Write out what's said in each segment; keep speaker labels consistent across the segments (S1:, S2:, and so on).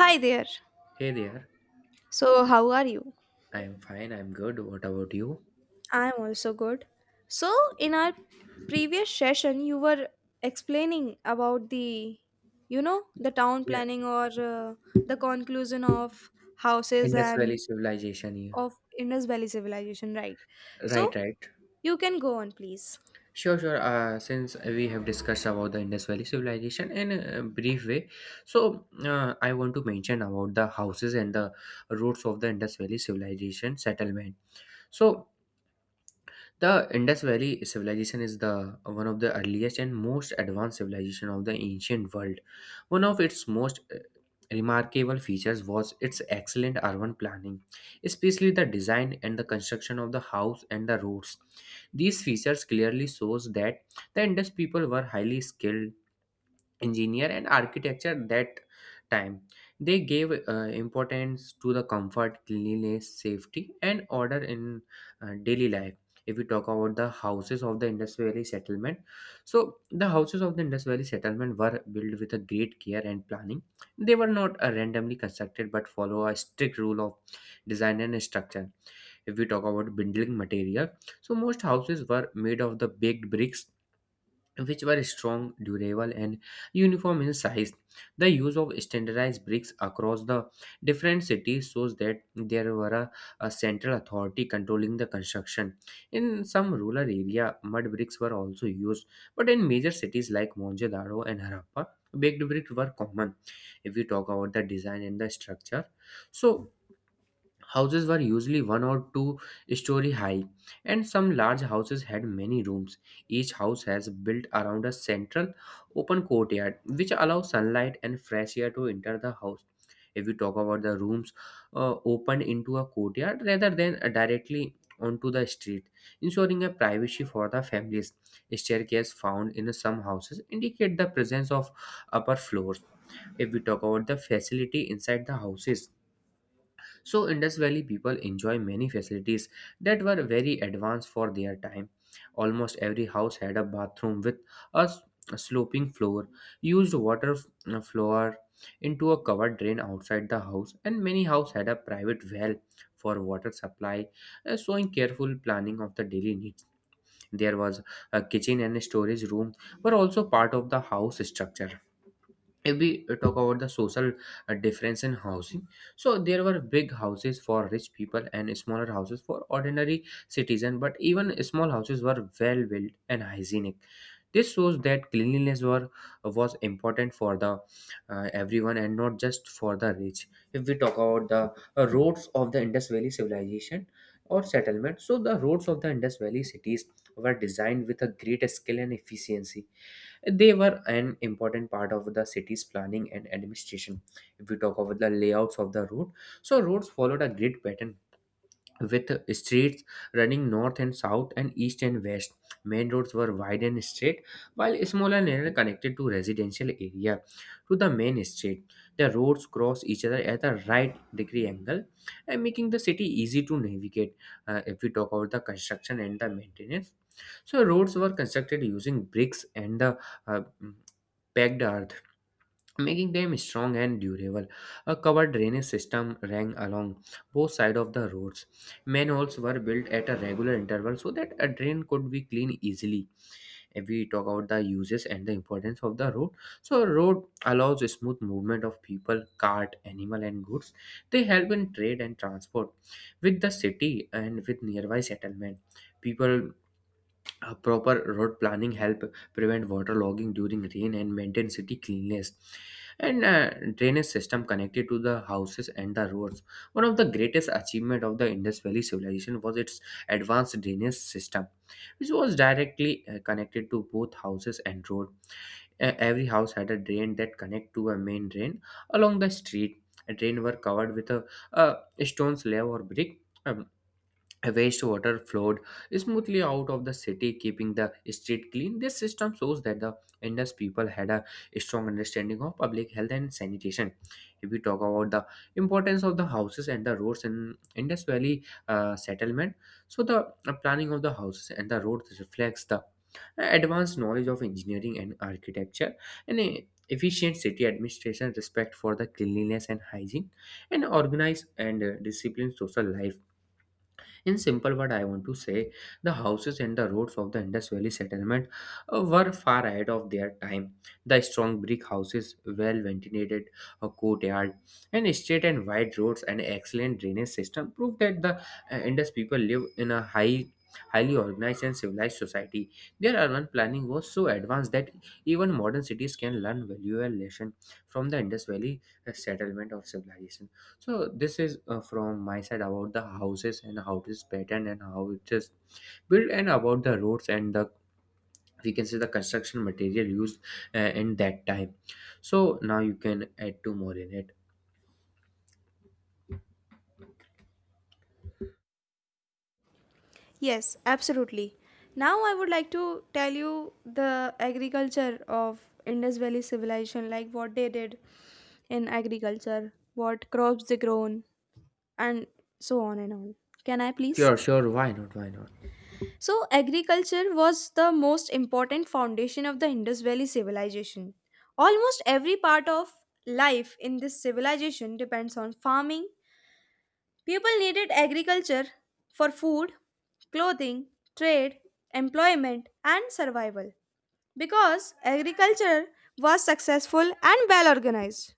S1: Hi there.
S2: Hey there.
S1: So, how are you?
S2: I'm fine. I'm good. What about you?
S1: I'm also good. So, in our previous session, you were explaining about the town
S2: Yeah.
S1: planning or the conclusion of houses
S2: Indus Valley
S1: and
S2: civilization. Yeah.
S1: of Indus Valley civilization, right?
S2: Right,
S1: So,
S2: right.
S1: you can go on, please.
S2: Sure, sure. Since we have discussed about the Indus Valley civilization in a brief way, so I want to mention about the houses and the roots of the Indus Valley civilization settlement. So the Indus Valley civilization is the one of the earliest and most advanced civilization of the ancient world. One of its most remarkable features was its excellent urban planning, especially the design and the construction of the house and the roads. These features clearly shows that the Indus people were highly skilled engineer and architecture that time. They gave importance to the comfort, cleanliness, safety and order in daily life. If we talk about the houses of the Indus Valley settlement, so the houses of the Indus Valley settlement were built with a great care and planning. They were not randomly constructed but follow a strict rule of design and structure. If we talk about building material, so most houses were made of the baked bricks, which were strong, durable, and uniform in size. The use of standardized bricks across the different cities shows that there were a central authority controlling the construction. In some rural area, mud bricks were also used, but in major cities like Mohenjo-daro and Harappa, baked bricks were common. If we talk about the design and the structure, so houses were usually one or two-story high, and some large houses had many rooms. Each house has built around a central open courtyard which allows sunlight and fresh air to enter the house. If we talk about the rooms opened into a courtyard rather than directly onto the street, ensuring a privacy for the families. Staircase found in some houses indicate the presence of upper floors. If we talk about the facility inside the houses, so Indus Valley people enjoy many facilities that were very advanced for their time. Almost every house had a bathroom with a s- a sloping floor, used water floor into a covered drain outside the house, and many houses had a private well for water supply, showing careful planning of the daily needs. There was a kitchen and storage room were also part of the house structure. If we talk about the social difference in housing, so there were big houses for rich people and smaller houses for ordinary citizens, but even small houses were well built and hygienic. This shows that cleanliness was important for the everyone and not just for the rich. If we talk about the roads of the Indus Valley civilization or settlement, so the roads of the Indus Valley cities were designed with a great skill and efficiency. They were an important part of the city's planning and administration. If we talk about the layouts of the road, so roads followed a grid pattern with streets running north and south and east and west. Main roads were wide and straight, while smaller narrow connected to residential area to the main street. The roads cross each other at a right degree angle and making the city easy to navigate. If we talk about the construction and the maintenance, so roads were constructed using bricks and the uh, packed earth, making them strong and durable. A covered drainage system ran along both sides of the roads. Manholes were built at a regular interval so that a drain could be cleaned easily. If we talk about the uses and the importance of the road, so a road allows a smooth movement of people, cart, animal, and goods. They help in trade and transport with the city and with nearby settlement. People proper road planning help prevent water logging during rain and maintain city cleanliness, and drainage system connected to the houses and the roads. One of the greatest achievement of the Indus Valley civilization was its advanced drainage system, which was directly connected to both houses and road. Every house had a drain that connect to a main drain along the street. A drain were covered with a stone's slab or brick. um, Wastewater flowed smoothly out of the city, keeping the street clean. This system shows that the Indus people had a strong understanding of public health and sanitation. If we talk about the importance of the houses and the roads in Indus Valley settlement, so the planning of the houses and the roads reflects the advanced knowledge of engineering and architecture, and a efficient city administration, respect for the cleanliness and hygiene, and organized and disciplined social life. In simple word, I want to say the houses and the roads of the Indus Valley settlement were far ahead of their time. The strong brick houses, well ventilated courtyard, and straight and wide roads and excellent drainage system prove that the Indus people live in a highly organized and civilized society. Their urban planning was so advanced that even modern cities can learn valuable lesson from the Indus Valley settlement of civilization. So this is from my side about the houses and how it is patterned and how it is built, and about the roads, and the we can say the construction material used in that time. So now you can add two more in it.
S1: Yes, absolutely. Now I would like to tell you the agriculture of Indus Valley civilization, like what they did in agriculture, what crops they grown, and so on and on. Can I please?
S2: Sure, sure. Why not? Why not?
S1: So, agriculture was the most important foundation of the Indus Valley civilization. Almost every part of life in this civilization depends on farming. People needed agriculture for food, clothing, trade, employment, and survival because agriculture was successful and well organized.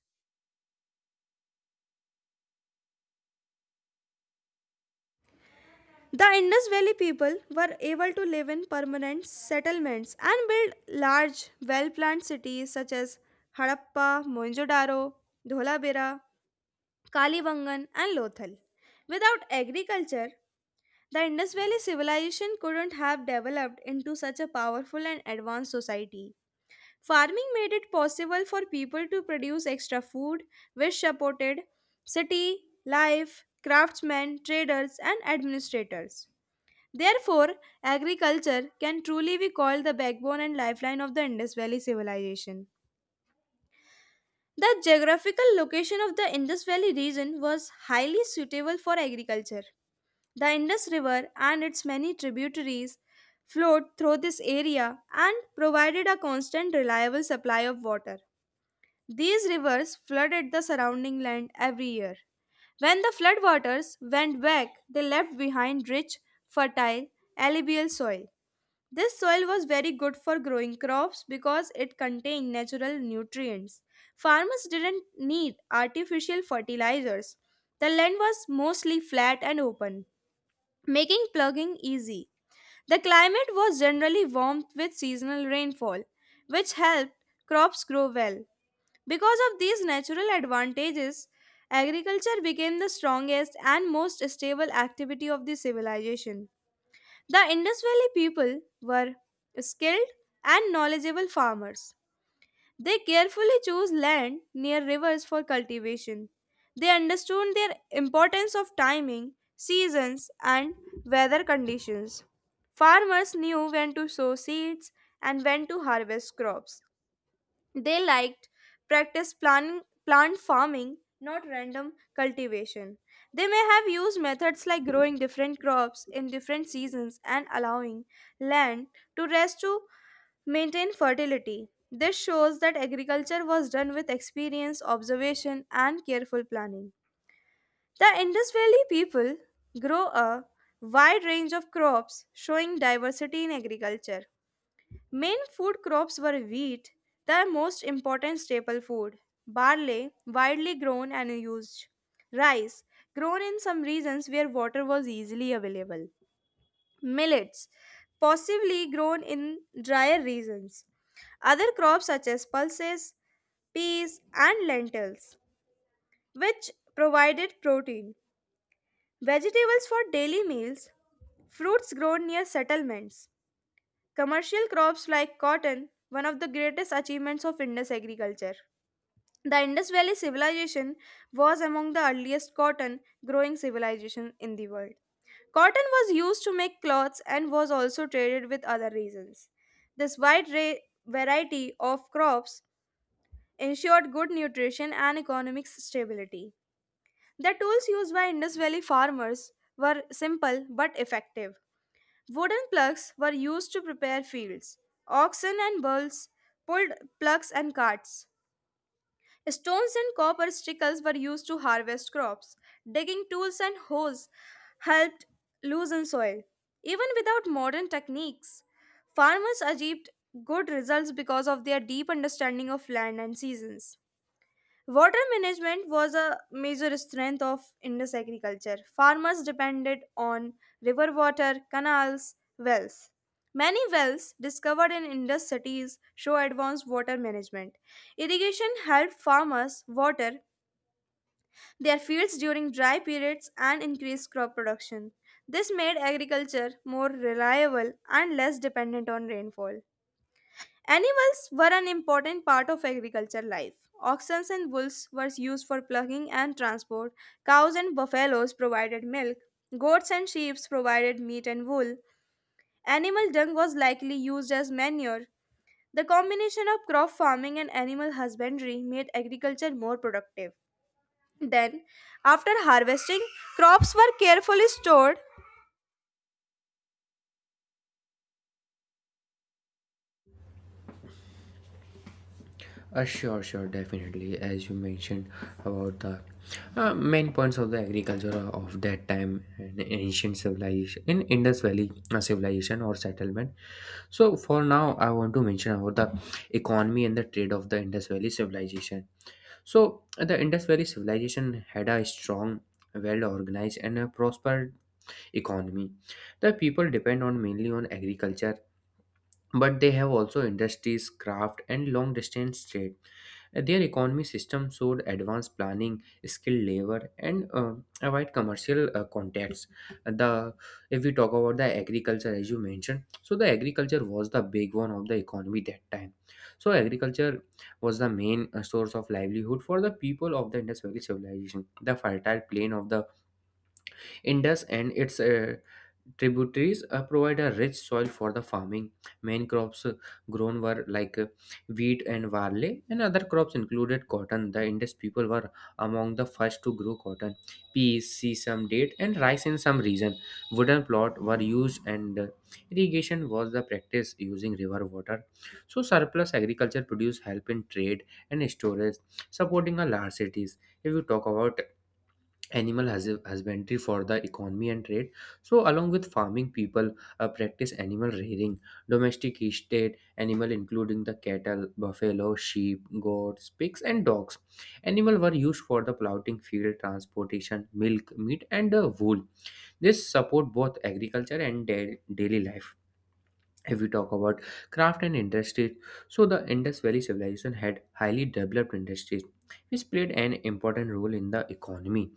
S1: The Indus Valley people were able to live in permanent settlements and build large, well planned cities such as Harappa, Mohenjo-daro, Dholabira, Kalibangan, and Lothal. Without agriculture, the Indus Valley civilization couldn't have developed into such a powerful and advanced society. Farming made it possible for people to produce extra food, which supported city life, craftsmen, traders, and administrators. Therefore, agriculture can truly be called the backbone and lifeline of the Indus Valley civilization. The geographical location of the Indus Valley region was highly suitable for agriculture. The Indus River and its many tributaries flowed through this area and provided a constant, reliable supply of water. These rivers flooded the surrounding land every year. When the floodwaters went back, they left behind rich, fertile, alluvial soil. This soil was very good for growing crops because it contained natural nutrients. Farmers didn't need artificial fertilizers. The land was mostly flat and open, making plugging easy. The climate was generally warm with seasonal rainfall, which helped crops grow well. Because of these natural advantages, agriculture became the strongest and most stable activity of the civilization. The Indus Valley people were skilled and knowledgeable farmers. They carefully chose land near rivers for cultivation. They understood their importance of timing, seasons, and weather conditions. Farmers knew when to sow seeds and when to harvest crops. They liked plant farming, not random cultivation. They may have used methods like growing different crops in different seasons and allowing land to rest to maintain fertility. This shows that agriculture was done with experience, observation, and careful planning. The Indus Valley people grow a wide range of crops, showing diversity in agriculture. Main food crops were wheat, the most important staple food, barley, widely grown and used, rice, grown in some regions where water was easily available, millets, possibly grown in drier regions. Other crops such as pulses, peas, and lentils, which provided protein. Vegetables for daily meals, fruits grown near settlements. Commercial crops like cotton, one of the greatest achievements of Indus agriculture. The Indus Valley civilization was among the earliest cotton growing civilizations in the world. Cotton was used to make cloths and was also traded with other regions. This variety of crops ensured good nutrition and economic stability. The tools used by Indus Valley farmers were simple but effective. Wooden plugs were used to prepare fields. Oxen and bulls pulled plugs and carts. Stones and copper sickles were used to harvest crops. Digging tools and hoes helped loosen soil. Even without modern techniques, farmers achieved good results because of their deep understanding of land and seasons. Water management was a major strength of Indus agriculture. Farmers depended on river water, canals, wells. Many wells discovered in Indus cities show advanced water management. Irrigation helped farmers water their fields during dry periods and increased crop production. This made agriculture more reliable and less dependent on rainfall. Animals were an important part of agriculture life. Oxen and bulls were used for plucking and transport. Cows and buffaloes provided milk. Goats and sheep provided meat and wool. Animal dung was likely used as manure. The combination of crop farming and animal husbandry made agriculture more productive. Then, after harvesting, crops were carefully stored.
S2: Sure, sure. Definitely, as you mentioned about the main points of the agriculture of that time and ancient civilization in Indus Valley civilization or settlement. So for now, I want to mention about the economy and the trade of the Indus Valley civilization. So the Indus Valley civilization had a strong, well organized, and a prospered economy. The people depend on mainly on agriculture, but they have also industries, craft, and long distance trade. Their economy system showed advanced planning, skilled labor, and a wide commercial contacts. The if we talk about the agriculture, as you mentioned, so the agriculture was the big one of the economy that time. So agriculture was the main source of livelihood for the people of the Indus Valley civilization. The fertile plain of the Indus and its tributaries provide a rich soil for the farming. Main crops grown were like wheat and barley, and other crops included cotton. The Indus people were among the first to grow cotton, peas, sesame, date, and rice in some region. Wooden plots were used, and irrigation was the practice using river water. So, surplus agriculture produced help in trade and storage, supporting a large cities. If you talk about animal has husbandry for the economy and trade, so along with farming people practice animal rearing, domesticated animal including the cattle, buffalo, sheep, goats, pigs, and dogs. Animal were used for the plowing field, transportation, milk, meat, and wool. This support both agriculture and daily life. If we talk about craft and industry, so the Indus Valley civilization had highly developed industries which played an important role in the economy.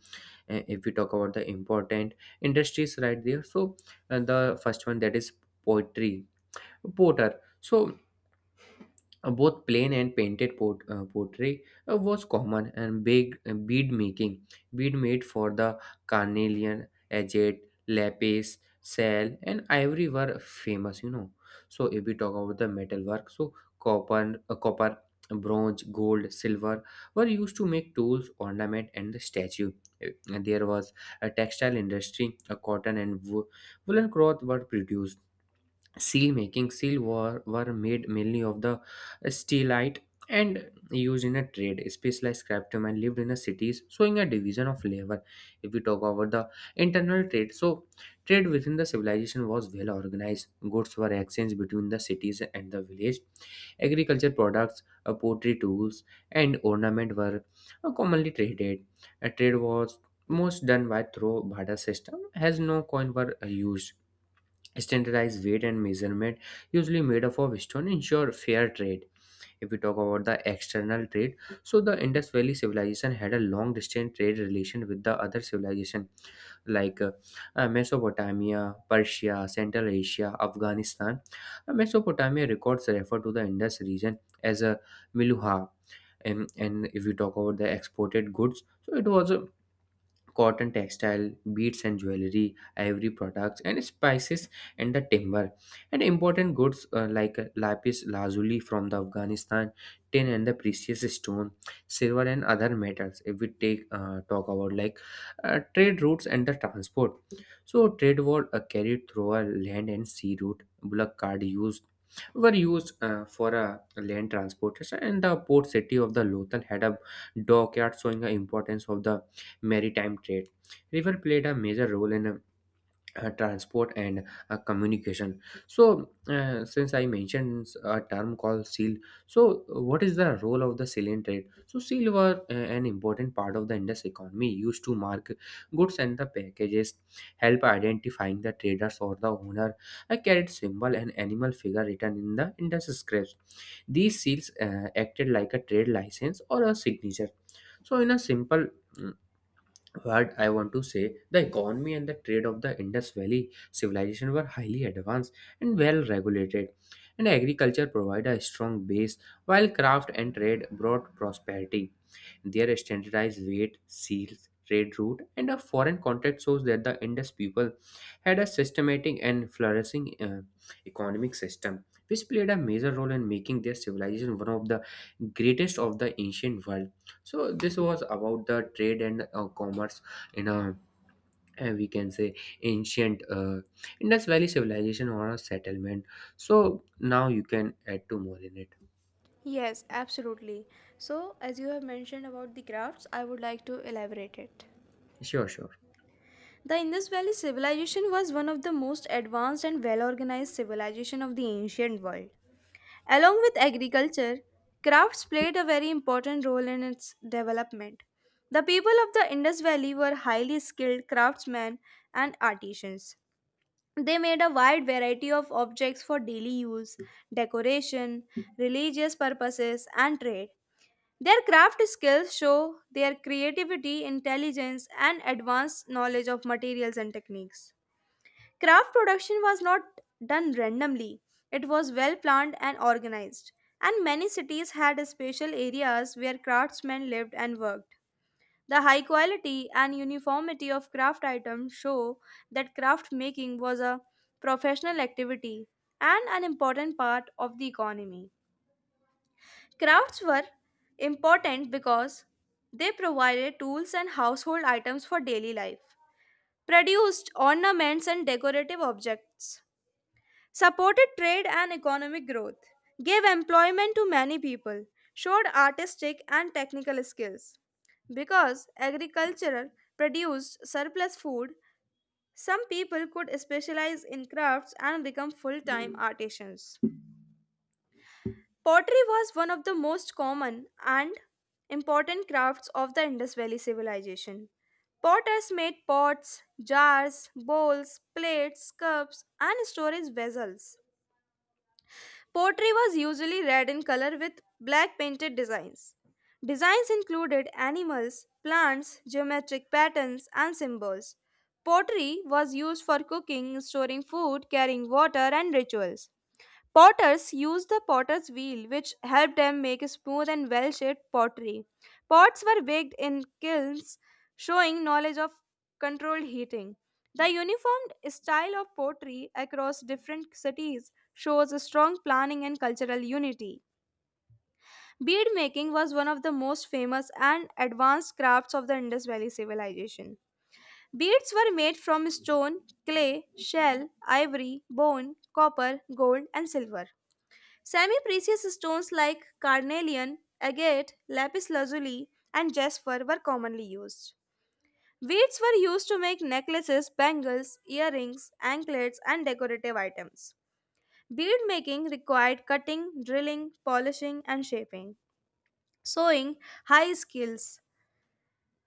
S2: If we talk about the important industries right there, so the first one that is poetry, potter, so both plain and painted pottery was common, and big bead making, bead made for the carnelian, agate, lapis, shell and ivory were famous. So if we talk about the metalwork, so copper, bronze, gold, silver were used to make tools, ornament, and the statue. And there was a textile industry, a cotton and woolen cloth were produced. Seal making, seal were made mainly of the steelite and used in a trade. Specialized craftsmen lived in the cities, showing a division of labor. If we talk about the internal trade, so trade within the civilization was well organized. Goods were exchanged between the cities and the village. Agriculture products, pottery, tools, and ornament were commonly traded. A trade was most done by through barter system, as no coin were used. Standardized weight and measurement, usually made up of stone, ensure fair trade. If we talk about the external trade, so the Indus Valley civilization had a long distance trade relation with the other civilization, like Mesopotamia, Persia, Central Asia, Afghanistan. Mesopotamia records refer to the Indus region as a miluha. And if we talk about the exported goods, so it was a cotton textile, beads and jewelry, ivory products and spices and the timber, and important goods like lapis lazuli from the Afghanistan, tin and the precious stone, silver and other metals. If we take talk about like trade routes and the transport, so trade war carried through a land and sea route. Bullock cart used were used for a land transportation, and the port city of the Lothal had a dockyard showing the importance of the maritime trade. River played a major role in transport and communication. So, since I mentioned a term called seal, what is the role of the sealing trade? So, seal were an important part of the Indus economy, used to mark goods and the packages, help identifying the traders or the owner. A carried symbol and animal figure written in the Indus scripts. These seals acted like a trade license or a signature. So, in a simple mm, what I want to say, the economy and the trade of the Indus Valley civilization were highly advanced and well regulated, and agriculture provided a strong base, while craft and trade brought prosperity. Their standardized weight, seals, trade route, and a foreign contact shows that the Indus people had a systematic and flourishing economic system, which played a major role in making their civilization one of the greatest of the ancient world. So this was about the trade and commerce in a we can say ancient Indus Valley civilization or a settlement. So now you can add to more in it.
S1: Yes, absolutely. So, as you have mentioned about the crafts, I would like to elaborate it.
S2: Sure, sure.
S1: The Indus Valley civilization was one of the most advanced and well-organized civilization of the ancient world. Along with agriculture, crafts played a very important role in its development. The people of the Indus Valley were highly skilled craftsmen and artisans. They made a wide variety of objects for daily use, decoration, religious purposes, and trade. Their craft skills show their creativity, intelligence, and advanced knowledge of materials and techniques. Craft production was not done randomly, it was well planned and organized, and many cities had special areas where craftsmen lived and worked. The high quality and uniformity of craft items show that craft making was a professional activity and an important part of the economy. Crafts were important because they provided tools and household items for daily life, produced ornaments and decorative objects, supported trade and economic growth, gave employment to many people, showed artistic and technical skills. Because agriculture produced surplus food, some people could specialize in crafts and become full time artisans. Pottery was one of the most common and important crafts of the Indus Valley civilization. Potters made pots, jars, bowls, plates, cups, and storage vessels. Pottery was usually red in color with black painted designs. Designs included animals, plants, geometric patterns, and symbols. Pottery was used for cooking, storing food, carrying water, and rituals. Potters used the potter's wheel, which helped them make smooth and well shaped pottery. Pots were baked in kilns, showing knowledge of controlled heating. The uniformed style of pottery across different cities shows a strong planning and cultural unity. Bead making was one of the most famous and advanced crafts of the Indus Valley civilization. Beads were made from stone, clay, shell, ivory, bone, copper, gold, and silver. Semi precious stones like carnelian, agate, lapis lazuli, and jasper were commonly used. Beads were used to make necklaces, bangles, earrings, anklets, and decorative items. Bead making required cutting, drilling, polishing, and shaping, sewing high skills.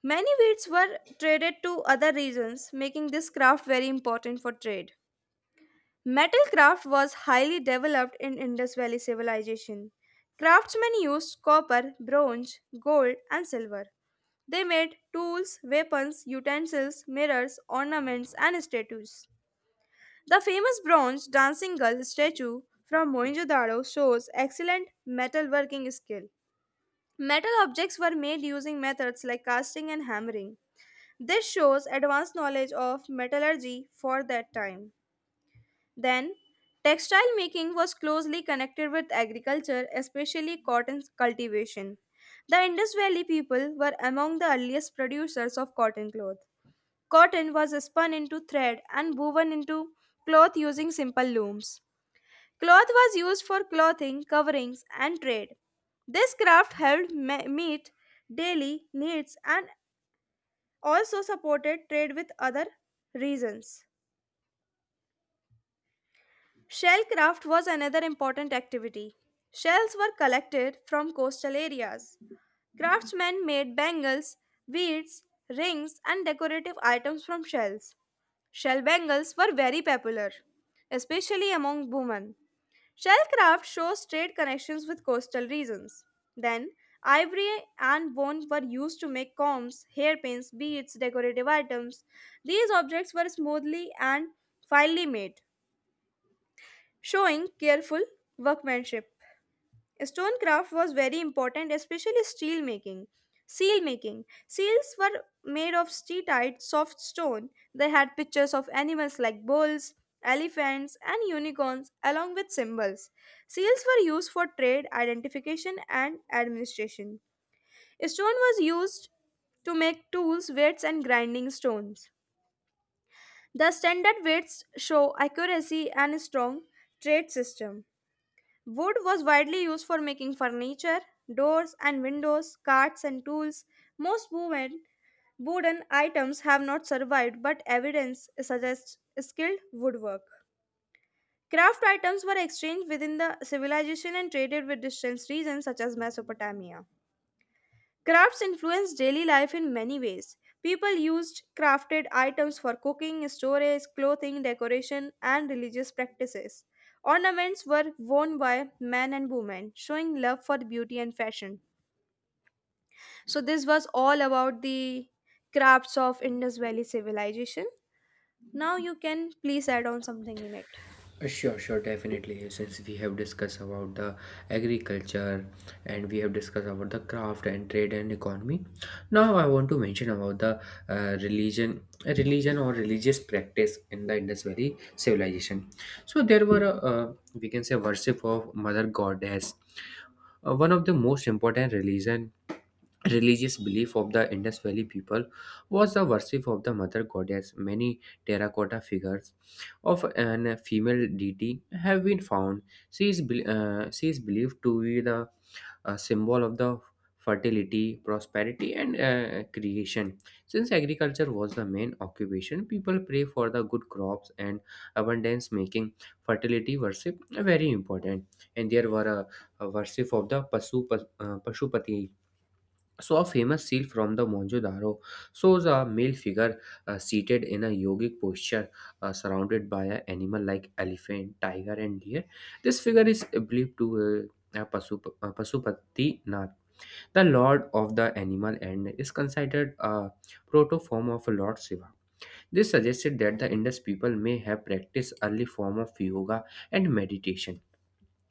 S1: Many beads were traded to other regions, making this craft very important for trade. Metal craft was highly developed in Indus Valley civilization. Craftsmen used copper, bronze, gold, and silver. They made tools, weapons, utensils, mirrors, ornaments, and statues. The famous bronze dancing girl statue from Mohenjo-daro shows excellent metalworking skill. Metal objects were made using methods like casting and hammering. This shows advanced knowledge of metallurgy for that time. Then, textile making was closely connected with agriculture, especially cotton cultivation. The Indus Valley people were among the earliest producers of cotton cloth. Cotton was spun into thread and woven into cloth using simple looms. Cloth was used for clothing, coverings, and trade. This craft meet daily needs and also supported trade with other regions. Shellcraft was another important activity. Shells were collected from coastal areas. Craftsmen made bangles, beads, rings, and decorative items from shells. Shell bangles were very popular, especially among women. Shellcraft shows trade connections with coastal regions. Then, ivory and bone were used to make combs, hairpins, beads, decorative items. These objects were smoothly and finely made, showing careful workmanship. Stonecraft was very important, especially steel making. Seal making. Seals were made of steatite, soft stone. They had pictures of animals like bulls, elephants, and unicorns, along with symbols. Seals were used for trade, identification, and administration. Stone was used to make tools, weights, and grinding stones. The standard weights show accuracy and strong trade system. Wood was widely used for making furniture, doors and windows, carts and tools. Most woven, wooden items have not survived, but evidence suggests skilled woodwork. Craft items were exchanged within the civilization and traded with distant regions such as Mesopotamia. Crafts influenced daily life in many ways. People used crafted items for cooking, storage, clothing, decoration, and religious practices. Ornaments were worn by men and women, showing love for beauty and fashion. So, this was all about the crafts of Indus Valley civilization. Now, you can please add on something in it.
S2: Sure, sure, definitely. Since we have discussed about the agriculture and we have discussed about the craft and trade and economy, now I want to mention about the religion, religion or religious practice in the Indus Valley civilization. So there were we can say worship of Mother Goddess, one of the most important religion religious belief of the Indus Valley people was the worship of the mother goddess. Many terracotta figures of an female deity have been found. She is believed to be the symbol of the fertility, prosperity, and creation. Since agriculture was the main occupation, people pray for the good crops and abundance, making fertility worship very important. And there were a worship of the Pashupati, so a famous seal from the Mohenjo-daro shows a male figure seated in a yogic posture, surrounded by an animal like elephant, tiger, and deer. This figure is believed to Pasupati Nath, the lord of the animal, and is considered a proto form of Lord Shiva. This suggested that the Indus people may have practiced early form of yoga and meditation,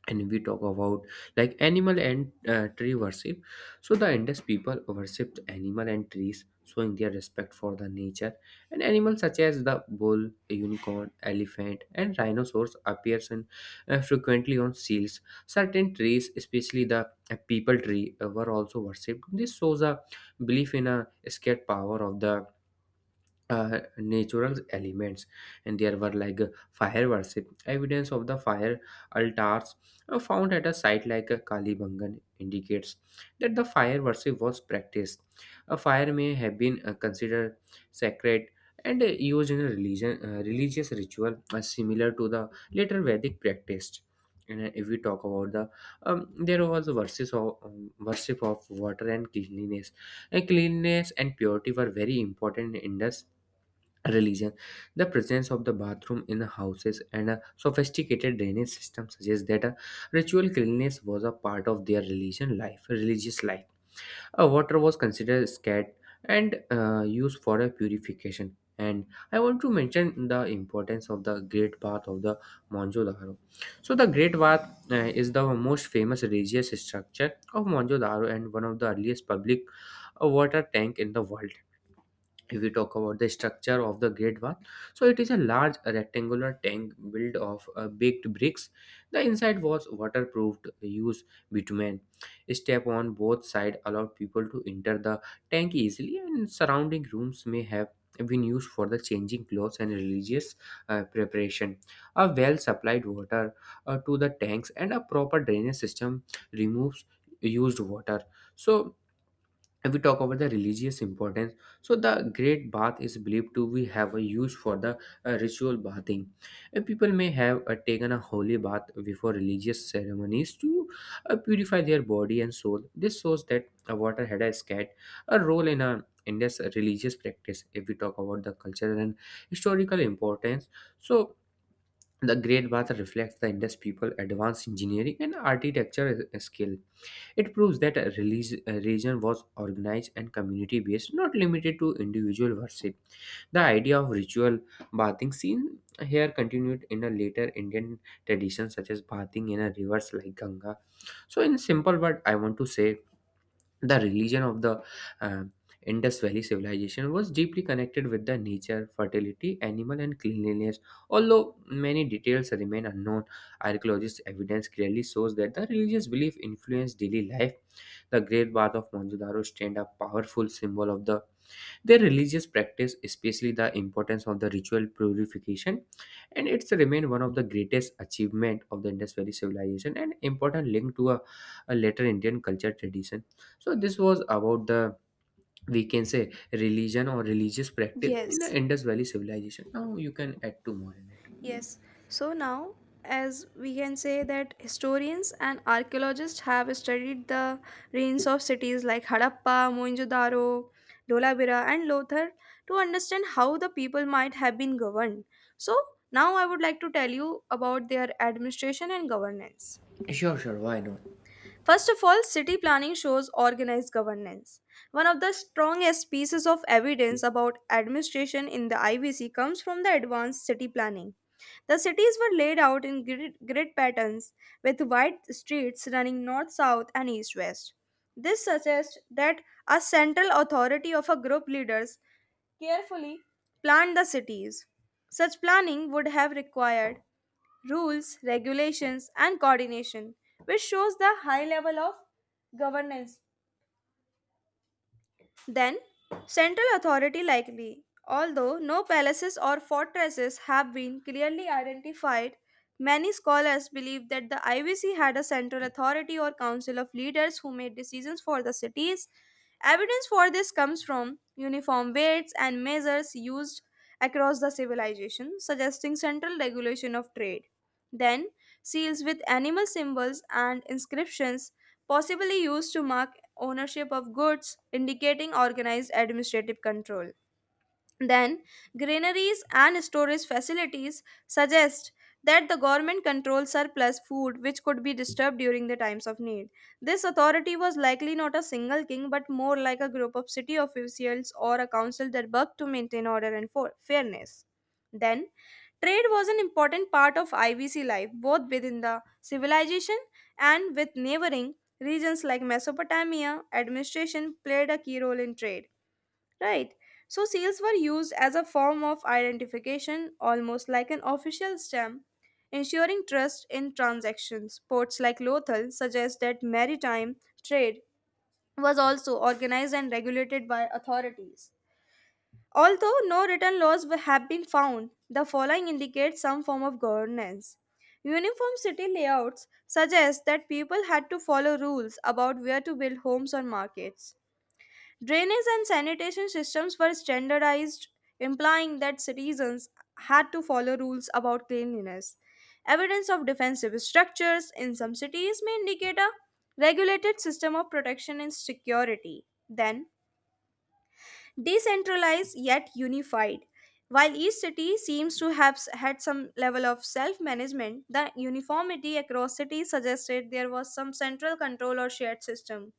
S2: and we talk about like animal and tree worship. So the Indus people worshipped animal and trees showing their respect for the nature, and animals such as the bull, unicorn, elephant, and rhinoceros appears frequently on seals. Certain trees, especially the people tree, were also worshipped. This shows a belief in a scared power of the natural elements. And there were like fire worship. Evidence of the fire altars found at a site like Kalibangan indicates that the fire worship was practiced. A fire may have been considered sacred and used in a religion religious ritual similar to the later Vedic practice. And if we talk about the there was verses of worship of water and cleanliness and purity were very important in Indus religion. The presence of the bathroom in houses and a sophisticated drainage system suggests that a ritual cleanliness was a part of their religious life. Water was considered sacred and used for a purification. And I want to mention the importance of the Great Bath of the Mohenjo-daro. So the Great Bath is the most famous religious structure of Mohenjo-daro and one of the earliest public water tank in the world. If we talk about the structure of the great bath, so it is a large rectangular tank built of baked bricks. The inside was waterproofed used bitumen. Step on both sides allowed people to enter the tank easily, and surrounding rooms may have been used for the changing clothes and religious preparation. A well supplied water to the tanks, and a proper drainage system removes used water. So if we talk about the religious importance, so the great bath is believed to be have a use for the ritual bathing. People may have taken a holy bath before religious ceremonies to purify their body and soul. This shows that water had a scat a role in a in this religious practice. If we talk about the cultural and historical importance, so the great bath reflects the Indus people advanced engineering and architecture skill. It proves that a religion was organized and community based, not limited to individual worship. The idea of ritual bathing seen here continued in a later Indian tradition such as bathing in a rivers like Ganga. So in simple word I want to say the religion of the uh, Indus Valley civilization was deeply connected with the nature, fertility, animal, and cleanliness. Although many details remain unknown, archaeologists' evidence clearly shows that the religious belief influenced daily life. The Great Bath of Mohenjo-daro stand a powerful symbol of the their religious practice, especially the importance of the ritual purification, and it's remained one of the greatest achievement of the Indus Valley civilization and important link to a later Indian culture tradition. So this was about the we can say religion or religious practice
S1: Yes.
S2: in the Indus Valley civilization. Now you can add two more in it.
S1: Yes. So now, as we can say that historians and archaeologists have studied the ruins of cities like Harappa, Mohenjo-daro, Dholabira, and Lothar to understand how the people might have been governed. So now I would like to tell you about their administration and governance.
S2: Sure, sure. Why not?
S1: First of all, city planning shows organized governance. One of the strongest pieces of evidence about administration in the IBC comes from the advanced city planning. The cities were laid out in grid patterns with wide streets running north, south, and east, west. This suggests that a central authority of a group leaders carefully planned the cities. Such planning would have required rules, regulations, and coordination, which shows the high level of governance. Then, central authority likely, although no palaces or fortresses have been clearly identified. Many scholars believe that the IVC had a central authority or council of leaders who made decisions for the cities. Evidence for this comes from uniform weights and measures used across the civilization, suggesting central regulation of trade. Then, seals with animal symbols and inscriptions, possibly used to mark ownership of goods, indicating organized administrative control. Then, granaries and storage facilities suggest that the government controls surplus food which could be disturbed during the times of need. This authority was likely not a single king but more like a group of city officials or a council that worked to maintain order and fairness. Then, trade was an important part of IVC life both within the civilization and with neighboring regions like Mesopotamia. Administration played a key role in trade. Right. So seals were used as a form of identification, almost like an official stamp, ensuring trust in transactions. Ports like Lothal suggest that maritime trade was also organized and regulated by authorities. Although no written have been found, the following indicates some form of governance. Uniform city layouts suggest that people had to follow rules about where to build homes or markets. Drainage and sanitation systems were standardized, implying that citizens had to follow rules about cleanliness. Evidence of defensive structures in some cities may indicate a regulated system of protection and security. Then, decentralized yet unified. While each city seems to had some level of self management, the uniformity across cities suggested there was some central control or shared system.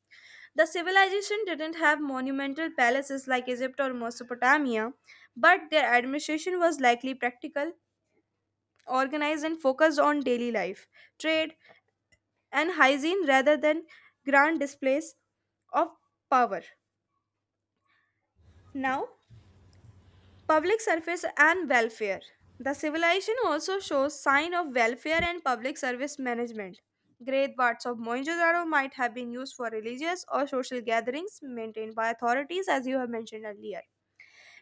S1: The civilization didn't have monumental palaces like Egypt or Mesopotamia, but their administration was likely practical, organized, and focused on daily life, trade, and hygiene rather than grand displays of power. Now, public service and welfare. The civilization also shows sign of welfare and public service management. Great parts of Mohenjo-daro might have been used for religious or social gatherings maintained by authorities as you have mentioned earlier.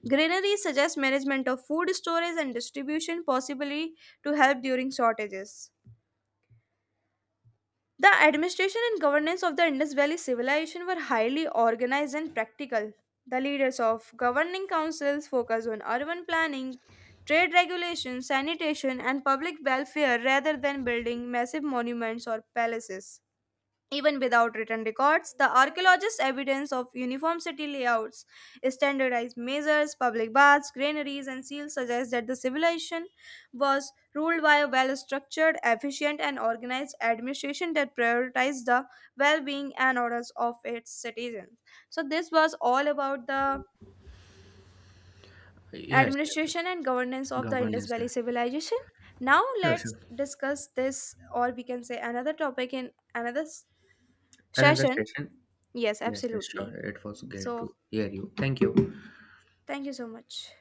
S1: Greenery suggests management of food storage and distribution, possibly to help during shortages. The administration and governance of the Indus Valley civilization were highly organized and practical. The leaders of governing councils focused on urban planning, trade regulation, sanitation, and public welfare rather than building massive monuments or palaces. Even without written records, the archaeologists' evidence of uniform city layouts, standardized measures, public baths, granaries, and seals suggests that the civilization was ruled by a well structured, efficient, and organized administration that prioritized the well being and orders of its citizens. So, this was all about the
S2: Yes, yes, sure.
S1: administration and governance of the Indus
S2: Governance.
S1: Valley civilization. Now,
S2: Sure,
S1: let's
S2: sure.
S1: discuss this, or we can say another topic in another
S2: Another
S1: session.
S2: session.
S1: Yes,
S2: Yes, yes, sure.
S1: absolutely.
S2: It was great to
S1: So,
S2: hear you. Thank you.
S1: thank you so much.